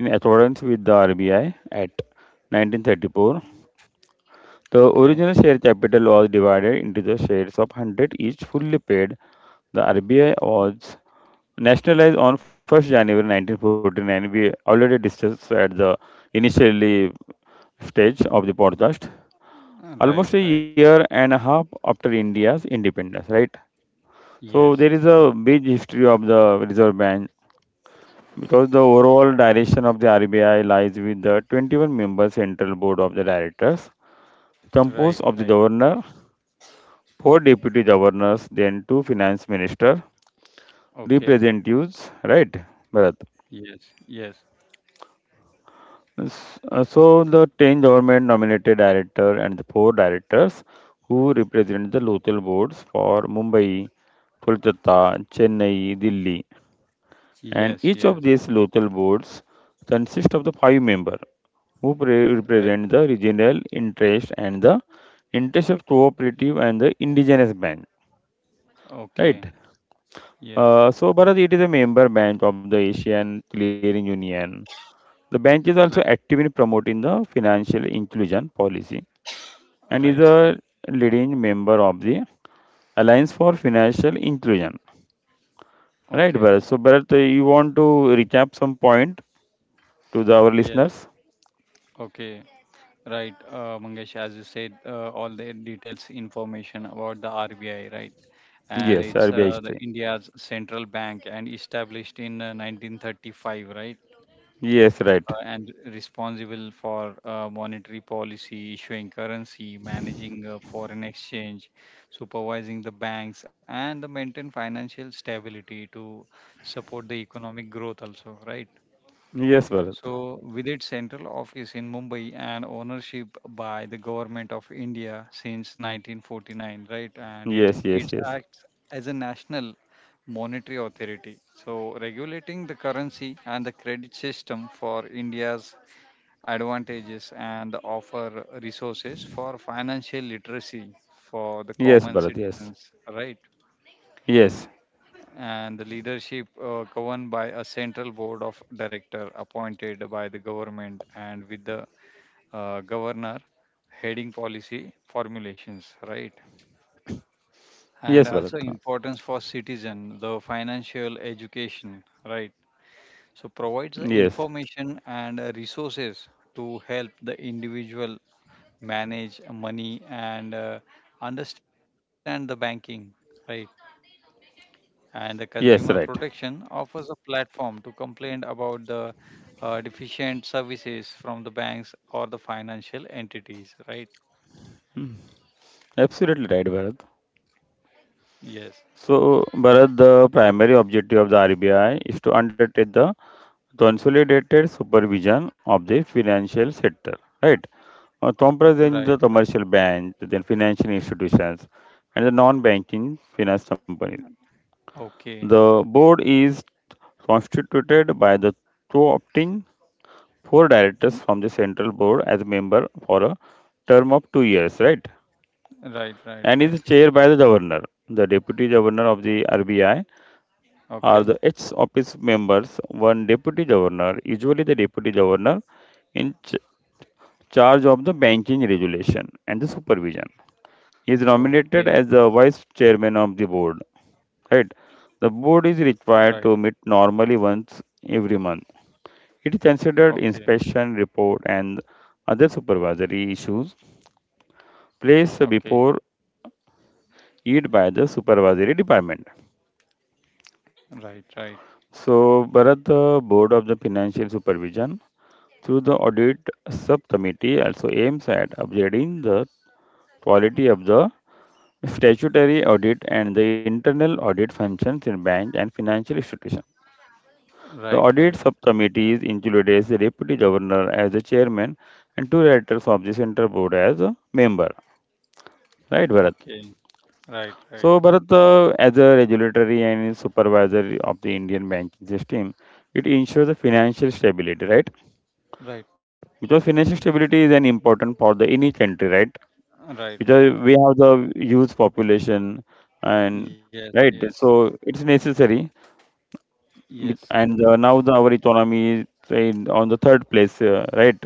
Speaker 1: in accordance with the RBI Act 1934. The
Speaker 2: Okay,
Speaker 1: original share capital was divided into the shares of 100 each, fully paid. The RBI was nationalized on 1st January 1949, we already discussed at the initially stage of the podcast.
Speaker 2: right,
Speaker 1: Almost a
Speaker 2: right.
Speaker 1: year and a half after India's independence, right? So
Speaker 2: Yes.
Speaker 1: there is a big history of the Reserve Bank because the overall direction of the RBI lies with the 21-member central board of the directors,
Speaker 2: Right,
Speaker 1: composed of
Speaker 2: right.
Speaker 1: the governor, four deputy governors, then two finance minister,
Speaker 2: Okay.
Speaker 1: representatives, right? Bharat.
Speaker 2: Yes, yes,
Speaker 1: So the 10 government nominated director and the four directors who represent the local boards for Mumbai, Kolkata, Chennai, Delhi, and
Speaker 2: yes,
Speaker 1: each
Speaker 2: yes.
Speaker 1: of these local boards consist of the five members who
Speaker 2: Right.
Speaker 1: represent the regional interest and the interest of cooperative and the indigenous bank,
Speaker 2: Okay.
Speaker 1: right?
Speaker 2: Yes.
Speaker 1: So Bharat, it is a member bank of the Asian Clearing Union. The bank is also
Speaker 2: Right,
Speaker 1: active in promoting the financial inclusion policy and is
Speaker 2: right,
Speaker 1: a
Speaker 2: right.
Speaker 1: leading member of the Alliance for Financial Inclusion.
Speaker 2: Okay.
Speaker 1: Right, Bharat? So, Bharat, you want to recap some point to our
Speaker 2: Yes.
Speaker 1: listeners?
Speaker 2: Okay. Right. Mangesh, as you said, all the details information about the RBI, right? And
Speaker 1: Yes,
Speaker 2: it's
Speaker 1: RBI
Speaker 2: the
Speaker 1: history.
Speaker 2: India's central bank, and established in 1935, right?
Speaker 1: Yes, right.
Speaker 2: And responsible for monetary policy, issuing currency, managing foreign exchange, supervising the banks, and the maintain financial stability to support the economic growth also, right?
Speaker 1: Yes, Bharat.
Speaker 2: So, with its central office in Mumbai and ownership by the government of India since 1949, right? And it
Speaker 1: Yes, yes,
Speaker 2: it
Speaker 1: yes.
Speaker 2: acts as a national monetary authority, so regulating the currency and the credit system for India's advantages, and offer resources for financial literacy for the
Speaker 1: Yes,
Speaker 2: common
Speaker 1: Bharat. Yes.
Speaker 2: citizens, right.
Speaker 1: Yes.
Speaker 2: And the leadership governed by a central board of director appointed by the government, and with the governor heading policy formulations, right.
Speaker 1: Yes,
Speaker 2: And
Speaker 1: Bharat.
Speaker 2: also importance for citizen the financial education, right. So provides the
Speaker 1: Yes.
Speaker 2: information and resources to help the individual manage money, and understand the banking, right. And the consumer
Speaker 1: Yes, right.
Speaker 2: protection offers a platform to complain about the deficient services from the banks or the financial entities, right.
Speaker 1: Hmm. Absolutely right, Bharat.
Speaker 2: Yes,
Speaker 1: So, Bharat, the primary objective of the RBI is to undertake the consolidated supervision of the financial sector, right?
Speaker 2: right,
Speaker 1: Comprising the
Speaker 2: right,
Speaker 1: commercial banks, then financial institutions, and the non-banking finance companies.
Speaker 2: okay.
Speaker 1: The board is constituted by the two opting four directors
Speaker 2: Y-
Speaker 1: from the central board as member for a term of 2 years, right?
Speaker 2: right, right,
Speaker 1: And is
Speaker 2: right,
Speaker 1: chaired by the governor. The deputy governor of the RBI are
Speaker 2: okay,
Speaker 1: the ex office members. One deputy governor, usually the deputy governor, in charge of the banking regulation and the supervision. He is nominated
Speaker 2: okay,
Speaker 1: as the vice chairman of the board. Right. The board is
Speaker 2: right,
Speaker 1: required to meet normally once every month. It considered
Speaker 2: okay,
Speaker 1: inspection report and other supervisory issues placed
Speaker 2: okay,
Speaker 1: before it by the supervisory department.
Speaker 2: right, right,
Speaker 1: So, Bharat, the Board of the Financial Supervision, through the audit subcommittee, also aims at upgrading the quality of the statutory audit and the internal audit functions in bank and financial institutions. The
Speaker 2: right,
Speaker 1: audit
Speaker 2: right,
Speaker 1: subcommittees includes the deputy governor as the chairman and two directors of the central board as a member. Right, Bharat?
Speaker 2: okay, right, right,
Speaker 1: So, Bharat, as a regulatory and supervisor of the Indian banking system, it ensures the financial stability, right?
Speaker 2: right,
Speaker 1: Because financial stability is an important for the any country, right?
Speaker 2: right,
Speaker 1: Because
Speaker 2: right,
Speaker 1: we have the youth population and
Speaker 2: yes,
Speaker 1: right,
Speaker 2: yes.
Speaker 1: so it's necessary.
Speaker 2: Yes,
Speaker 1: Bit- and Now our economy is on the third place, right?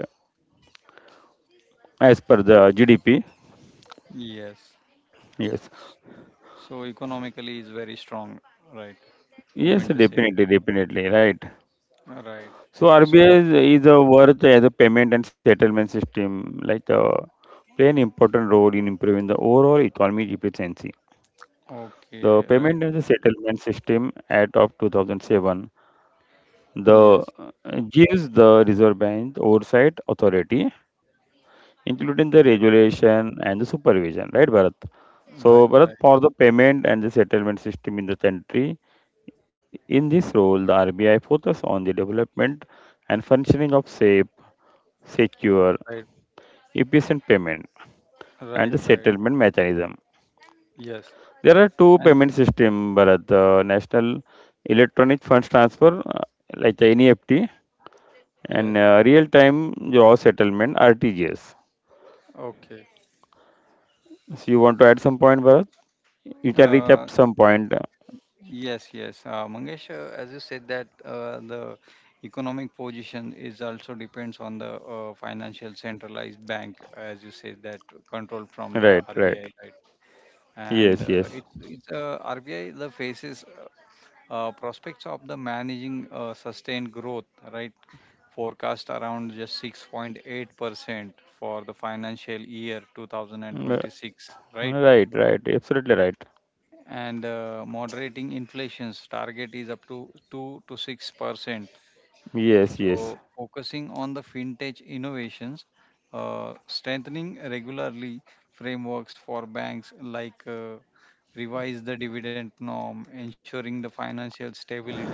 Speaker 1: As per the GDP,
Speaker 2: yes.
Speaker 1: yes,
Speaker 2: S- So economically is very strong, right? You
Speaker 1: yes,
Speaker 2: meant to say,
Speaker 1: definitely, definitely, right.
Speaker 2: right?
Speaker 1: So RBI
Speaker 2: So
Speaker 1: is a worth as a payment and settlement system, like play an important role in improving the overall economic efficiency. The
Speaker 2: okay, right?
Speaker 1: payment and the settlement system Act of 2007, the
Speaker 2: Yes,
Speaker 1: gives the Reserve Bank oversight authority including the
Speaker 2: yeah,
Speaker 1: regulation and the supervision, right, Bharat? So,
Speaker 2: right,
Speaker 1: Bharat,
Speaker 2: right,
Speaker 1: for the payment and the settlement system in the country, in this role, the RBI focus on the development and functioning of safe, secure,
Speaker 2: right,
Speaker 1: efficient payment and the
Speaker 2: right, right.
Speaker 1: settlement mechanism.
Speaker 2: Yes,
Speaker 1: There are two
Speaker 2: and
Speaker 1: payment system, Bharat, the National Electronic Funds Transfer, uh, like the NEFT,
Speaker 2: yes,
Speaker 1: and real-time gross settlement, RTGS.
Speaker 2: okay.
Speaker 1: So, you want to add some point, Bharat? You can
Speaker 2: Uh,
Speaker 1: recap some point.
Speaker 2: yes, yes. Mangesh, as you said that, the economic position is also depends on the financial centralized bank, as you said that, control from the
Speaker 1: Right, right.
Speaker 2: RBI, right? And
Speaker 1: Yes, yes.
Speaker 2: it's RBI the faces prospects of the managing sustained growth, right. Forecast around just 6.8% for the financial year
Speaker 1: Mm, uh,
Speaker 2: 2026, right.
Speaker 1: Right, right. Absolutely right.
Speaker 2: And moderating inflation's target is up to 2 to 6%.
Speaker 1: Yes,
Speaker 2: So,
Speaker 1: yes.
Speaker 2: focusing on the fintech innovations, strengthening regularly frameworks for banks, like revise the dividend norm, ensuring the financial stability,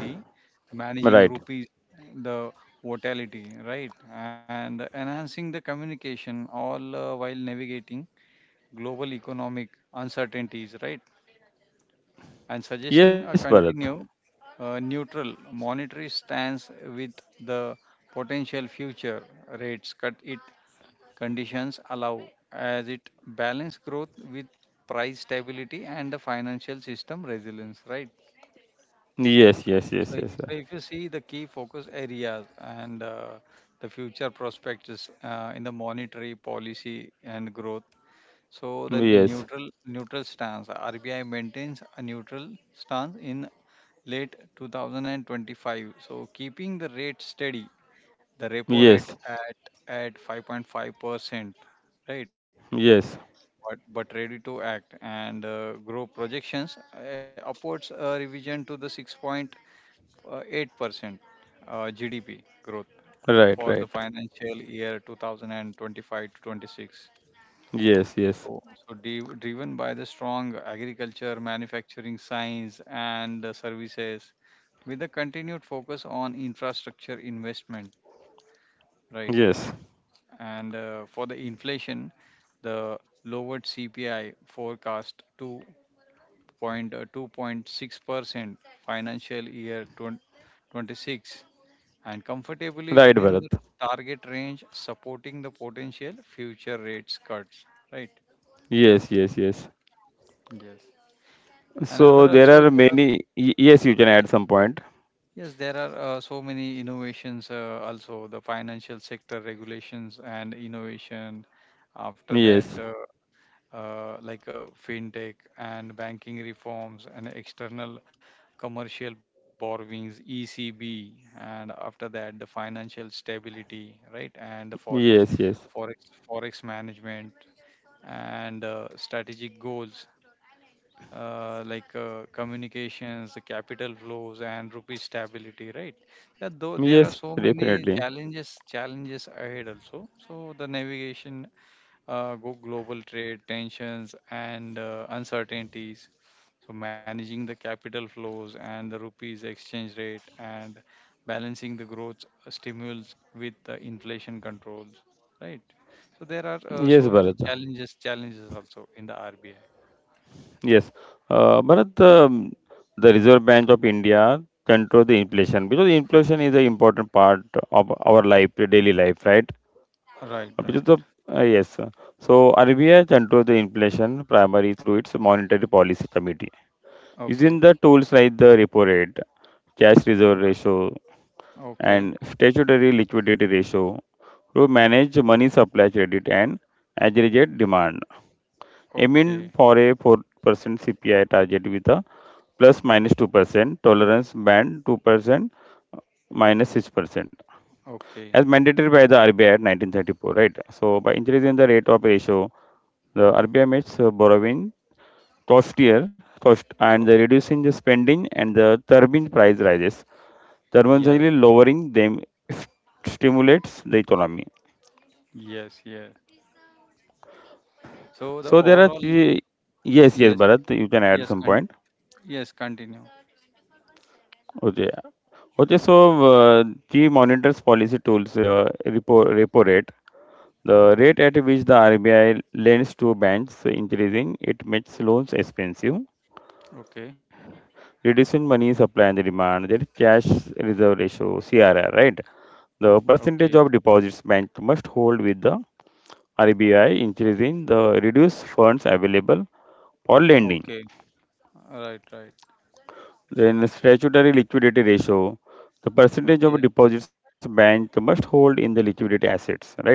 Speaker 2: managing
Speaker 1: Right.
Speaker 2: rupees, the volatility, right, and enhancing the communication, all while navigating global economic uncertainties, right, and suggesting
Speaker 1: Yes,
Speaker 2: a
Speaker 1: Bharat.
Speaker 2: continue neutral monetary stance, with the potential future rates cut it conditions allow, as it balance growth with price stability and the financial system resilience, right.
Speaker 1: Yes, yes, yes,
Speaker 2: so,
Speaker 1: yes.
Speaker 2: i-
Speaker 1: Sir.
Speaker 2: so if you see the key focus areas and the future prospects in the monetary policy and growth, so the
Speaker 1: Yes,
Speaker 2: neutral stance, RBI maintains a neutral stance in late 2025. So keeping the rate steady, the repo rate
Speaker 1: yes,
Speaker 2: at 5.5%, right?
Speaker 1: yes.
Speaker 2: But ready to act, and grow projections upwards revision to the 6.8% GDP growth for the
Speaker 1: Right, right.
Speaker 2: financial year 2025 to 26.
Speaker 1: Yes,
Speaker 2: So,
Speaker 1: yes,
Speaker 2: so driven by the strong agriculture, manufacturing, science, and services, with a continued focus on infrastructure investment, right?
Speaker 1: yes.
Speaker 2: And for the inflation, the lowered CPI forecast to point 2.6% financial year 20, 26, and comfortably
Speaker 1: Right,
Speaker 2: within the
Speaker 1: Bharat.
Speaker 2: target range, supporting the potential future rates cuts, right?
Speaker 1: Yes, yes, yes.
Speaker 2: Yes.
Speaker 1: So
Speaker 2: Another
Speaker 1: there
Speaker 2: also
Speaker 1: are
Speaker 2: there are.
Speaker 1: many. Yes, you can add some point.
Speaker 2: Yes, there are so many innovations also, the financial sector regulations and innovation. After that,
Speaker 1: Yes,
Speaker 2: like fintech and banking reforms, and external commercial borrowings, ECB, and after that, the financial stability, right? And the
Speaker 1: yes, yes.
Speaker 2: forex, forex management, and strategic goals like communications, the capital flows, and rupee stability, right? Yeah, though there are
Speaker 1: Yes,
Speaker 2: so many
Speaker 1: definitely.
Speaker 2: challenges ahead also. So the navigation, go global trade tensions and uncertainties. So managing the capital flows and the rupees exchange rate, and balancing the growth stimulus with the inflation controls, right? So there are
Speaker 1: Yes,
Speaker 2: so many
Speaker 1: Bharat.
Speaker 2: challenges also in the RBI.
Speaker 1: Yes, Bharat, the Reserve Bank of India control the inflation because inflation is an important part of our life, daily life, right?
Speaker 2: Right,
Speaker 1: Uh, Because
Speaker 2: right.
Speaker 1: the uh, yes, uh, so RBI controls the inflation primarily through its monetary policy committee
Speaker 2: Okay.
Speaker 1: using the tools like the repo rate, cash reserve ratio,
Speaker 2: Okay,
Speaker 1: and statutory liquidity ratio to manage money supply, credit, and aggregate demand aiming
Speaker 2: okay,
Speaker 1: for a 4% CPI target with a plus minus 2% tolerance band 2% minus 6% as
Speaker 2: okay.
Speaker 1: mandated by the RBI at 1934, right? So by increasing
Speaker 2: Uh,
Speaker 1: the rate of ratio, the RBI makes borrowing costlier cost and the
Speaker 2: oh,
Speaker 1: reducing the spending and the turbine price rises
Speaker 2: yes,
Speaker 1: thermodynamically lowering them s- stimulates the economy.
Speaker 2: yes, yes. So the
Speaker 1: So there are
Speaker 2: overall,
Speaker 1: three yes yes
Speaker 2: yes,
Speaker 1: Bharat you can add
Speaker 2: yes,
Speaker 1: some
Speaker 2: con-
Speaker 1: point.
Speaker 2: yes, continue.
Speaker 1: Okay. Okay, so key monitors policy tools, repo rate. The rate at which the RBI lends to banks increasing, it makes loans expensive,
Speaker 2: Okay,
Speaker 1: reducing money supply and demand. That is cash reserve ratio, CRR, right? The percentage
Speaker 2: okay,
Speaker 1: of deposits bank must hold with the RBI increasing the reduce funds available for lending.
Speaker 2: okay. Right, right.
Speaker 1: Then statutory liquidity ratio, the percentage of
Speaker 2: Okay,
Speaker 1: deposits bank must hold in the liquidity assets, right?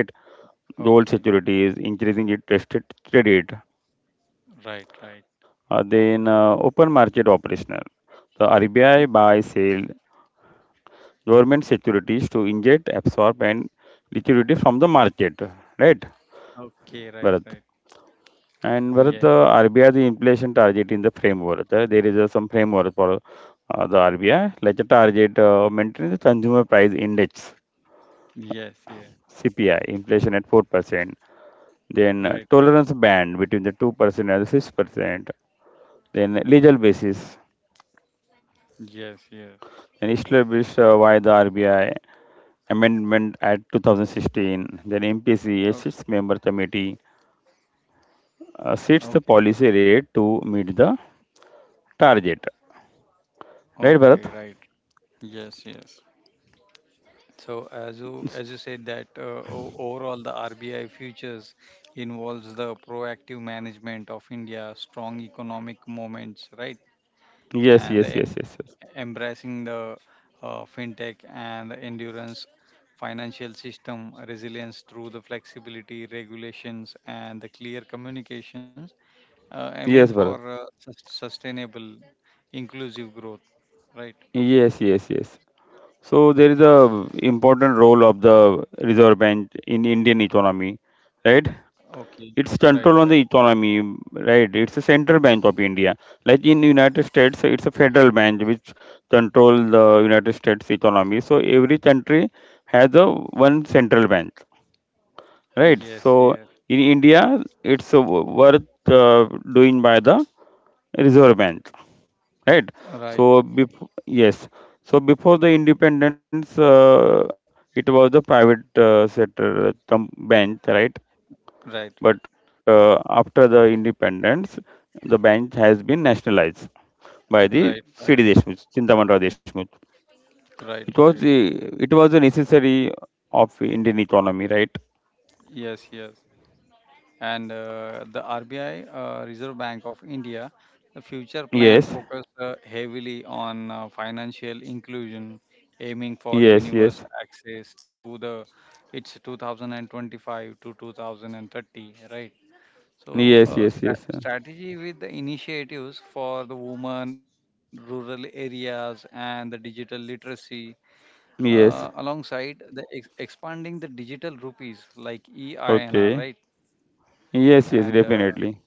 Speaker 1: Gold
Speaker 2: okay.
Speaker 1: securities, increasing interested credit,
Speaker 2: Right, right.
Speaker 1: then open market operational. The RBI buy, sell government securities to inject, absorb, and liquidity from the market, right,
Speaker 2: Okay, right,
Speaker 1: Bharat?
Speaker 2: right.
Speaker 1: And Bharat, the
Speaker 2: Yes,
Speaker 1: RBI the inflation target in the framework. There is Some framework for the RBI, like a target maintain the consumer price index
Speaker 2: yes, yeah.
Speaker 1: (CPI) inflation at 4%, then
Speaker 2: Right, right.
Speaker 1: tolerance band between the 2% and the 6%. Then legal basis
Speaker 2: Yes, yes.
Speaker 1: and established by the RBI Amendment Act 2016. Then MPC, as
Speaker 2: Okay,
Speaker 1: its member committee, sets the
Speaker 2: okay,
Speaker 1: policy rate to meet the target. Right,
Speaker 2: okay,
Speaker 1: Bharat?
Speaker 2: right. Yes, yes. So, as
Speaker 1: S-
Speaker 2: you as you said that, overall the RBI futures involves the proactive management of India, strong economic moments, right,
Speaker 1: Yes,
Speaker 2: and
Speaker 1: yes, yes, yes, yes.
Speaker 2: embracing the fintech and the endurance financial system resilience through the flexibility regulations and the clear communications, aiming
Speaker 1: Yes,
Speaker 2: for
Speaker 1: Bharat.
Speaker 2: sustainable, inclusive growth, right?
Speaker 1: Yes, yes, yes. So there is a important role of the Reserve Bank in Indian economy, right?
Speaker 2: Okay,
Speaker 1: It's
Speaker 2: right,
Speaker 1: control
Speaker 2: right.
Speaker 1: on the economy, right? It's a central bank of India. Like in United States, it's a federal bank which control the United States economy. So every country has a one central bank, right?
Speaker 2: Yes, yes,
Speaker 1: So in India, it's worth doing by the Reserve Bank, right?
Speaker 2: right.
Speaker 1: So bef- yes, so before the independence, it was the private sector bank, right?
Speaker 2: Right, right,
Speaker 1: But after the independence, the bank has been nationalized by
Speaker 2: right,
Speaker 1: the
Speaker 2: right,
Speaker 1: C.D. Deshmukh, Chintamani Deshmukh.
Speaker 2: right,
Speaker 1: It was
Speaker 2: right.
Speaker 1: the, it was a necessary of Indian economy, right?
Speaker 2: Yes, yes. And the RBI, Reserve Bank of India, the future plan
Speaker 1: Yes,
Speaker 2: focus heavily on financial inclusion, aiming for
Speaker 1: yes, yes,
Speaker 2: universal access through the its 2025 to 2030, right? So,
Speaker 1: yes, yes,
Speaker 2: sta
Speaker 1: yes,
Speaker 2: strategy with the initiatives for the women, rural areas, and the digital literacy
Speaker 1: yes.
Speaker 2: alongside expanding the digital rupees like EINR, right?
Speaker 1: Okay. Yes, yes,
Speaker 2: And
Speaker 1: definitely.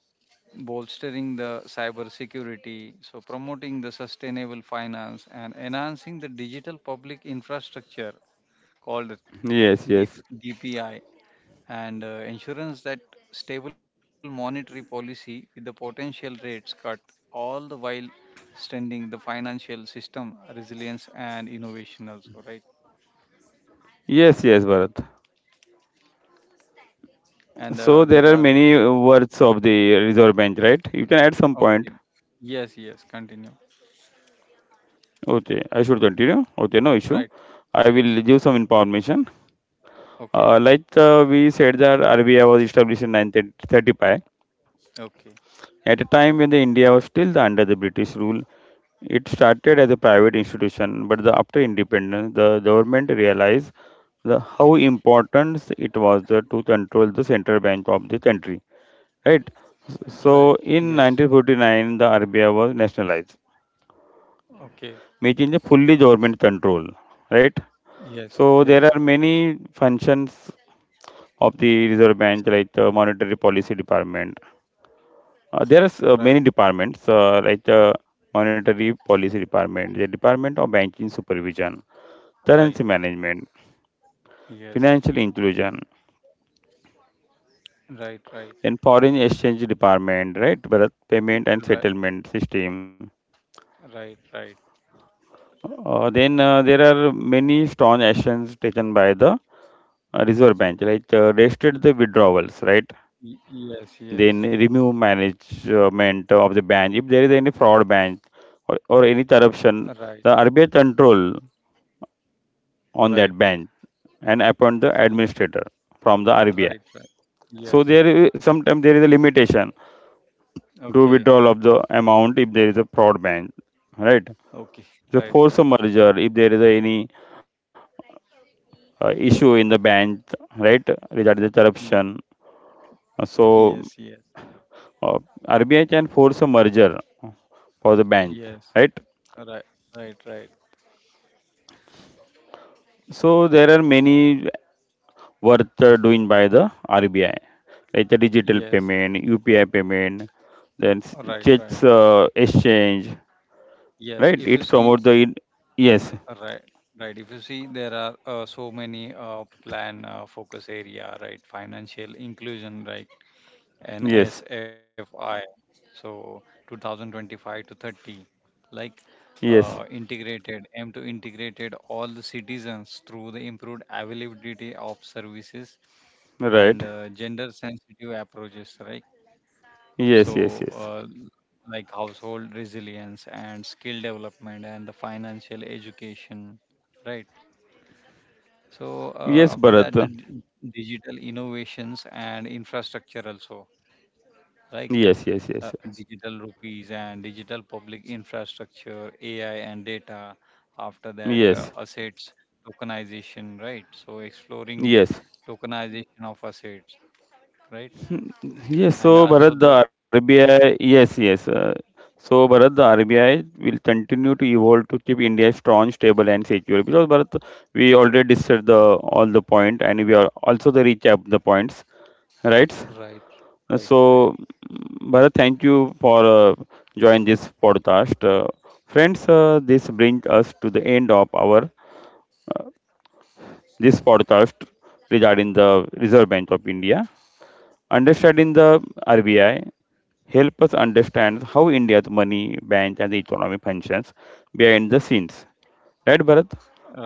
Speaker 2: bolstering the cyber security, so promoting the sustainable finance, and enhancing the digital public infrastructure called
Speaker 1: Yes, yes,
Speaker 2: DPI, and insurance that stable monetary policy with the potential rates cut, all the while strengthening the financial system resilience and innovation also, right?
Speaker 1: yes, yes, Bharat.
Speaker 2: And
Speaker 1: So there
Speaker 2: there
Speaker 1: are
Speaker 2: are.
Speaker 1: many words of the Reserve Bank, right? You can add some point.
Speaker 2: Okay. Yes, yes, continue.
Speaker 1: Okay, I should continue. Okay, no issue.
Speaker 2: Right.
Speaker 1: I
Speaker 2: Yes.
Speaker 1: will give some information.
Speaker 2: Okay.
Speaker 1: We said that RBI was established in 1935.
Speaker 2: Okay.
Speaker 1: At a time when the India was still under the British rule, it started as a private institution, but after independence, the government realized how important it was to control the central bank of the country. Right.
Speaker 2: Right.
Speaker 1: So
Speaker 2: Yes.
Speaker 1: in 1949, the RBI was nationalized,
Speaker 2: Okay.
Speaker 1: making the fully government control. Right.
Speaker 2: Yes.
Speaker 1: So
Speaker 2: Yes.
Speaker 1: there are many functions of the Reserve Bank, like the Monetary Policy Department. There are
Speaker 2: Right.
Speaker 1: many departments, like the Monetary Policy Department, the Department of Banking Supervision,
Speaker 2: Right.
Speaker 1: Currency Management,
Speaker 2: Yes.
Speaker 1: Financial Inclusion,
Speaker 2: Right. Right.
Speaker 1: then Foreign Exchange Department, right? Bharat Payment and
Speaker 2: Right.
Speaker 1: Settlement System.
Speaker 2: Right. Right.
Speaker 1: Then there are many strong actions taken by the Reserve Bank, like
Speaker 2: Y-
Speaker 1: restricted the withdrawals, right?
Speaker 2: Yes. Yes.
Speaker 1: Then remove management of the bank if there is any fraud bank or any
Speaker 2: Right.
Speaker 1: corruption, the RBI control
Speaker 2: Right.
Speaker 1: on that bank and appoint the
Speaker 2: Y-
Speaker 1: administrator from the RBI.
Speaker 2: Right. Right. Yes.
Speaker 1: So sometimes there is a limitation to
Speaker 2: Okay.
Speaker 1: withdrawal of the amount if there is a fraud bank, right.
Speaker 2: Okay.
Speaker 1: The
Speaker 2: Right.
Speaker 1: force a
Speaker 2: Right.
Speaker 1: merger if there is any issue in the bank, right, regarding the
Speaker 2: Y-
Speaker 1: corruption. So
Speaker 2: Yes. Yes.
Speaker 1: uh, RBI can force a merger for the bank,
Speaker 2: Yes.
Speaker 1: right.
Speaker 2: Right. Right. Right.
Speaker 1: So there are many worth doing by the RBI, like the digital
Speaker 2: Yes.
Speaker 1: payment, UPI payment, then
Speaker 2: Right. Right.
Speaker 1: checks exchange,
Speaker 2: Yes,
Speaker 1: right?
Speaker 2: if you
Speaker 1: It
Speaker 2: see,
Speaker 1: promotes yes,
Speaker 2: right, right. If you see, there are so many plan focus area, right? Financial inclusion, right?
Speaker 1: yes,
Speaker 2: NSFI. So 2025 to 30, like
Speaker 1: yes,
Speaker 2: integrated, aim to integrated all the citizens through the improved availability of services, and
Speaker 1: right,
Speaker 2: gender sensitive approaches, right?
Speaker 1: yes, yes,
Speaker 2: So
Speaker 1: yes,
Speaker 2: like household resilience and skill development and the financial education, right? So
Speaker 1: yes,
Speaker 2: after
Speaker 1: Bharat,
Speaker 2: that, digital innovations and infrastructure also, like
Speaker 1: yes, yes, yes,
Speaker 2: digital rupees and digital public infrastructure, AI and data. After that,
Speaker 1: yes,
Speaker 2: assets tokenization, right? So exploring
Speaker 1: yes.
Speaker 2: tokenization of assets, right?
Speaker 1: Yes, so
Speaker 2: And
Speaker 1: Bharat, the
Speaker 2: also the
Speaker 1: RBI, yes, yes. So Bharat, the RBI will continue to evolve to keep India strong, stable, and secure. Because Bharat, we already discussed the all the point, and we are also the recap the points, right?
Speaker 2: right, right,
Speaker 1: So
Speaker 2: right.
Speaker 1: mm, Bharat, thank you for joining this podcast, friends. This brings us to the end of our this podcast regarding the Reserve Bank of India, understanding the RBI help us understand how India's money, bank, and the economy functions behind the scenes. Right, Bharat?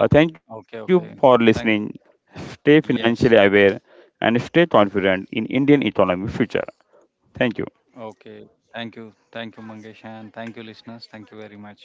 Speaker 1: Thank you
Speaker 2: okay,
Speaker 1: for
Speaker 2: okay.
Speaker 1: listening.
Speaker 2: Thank.
Speaker 1: Stay financially aware
Speaker 2: Yes.
Speaker 1: and stay confident in Indian economy future. Thank you.
Speaker 2: Okay. Thank you. Thank you, Mangesh, and thank you, listeners. Thank you very much.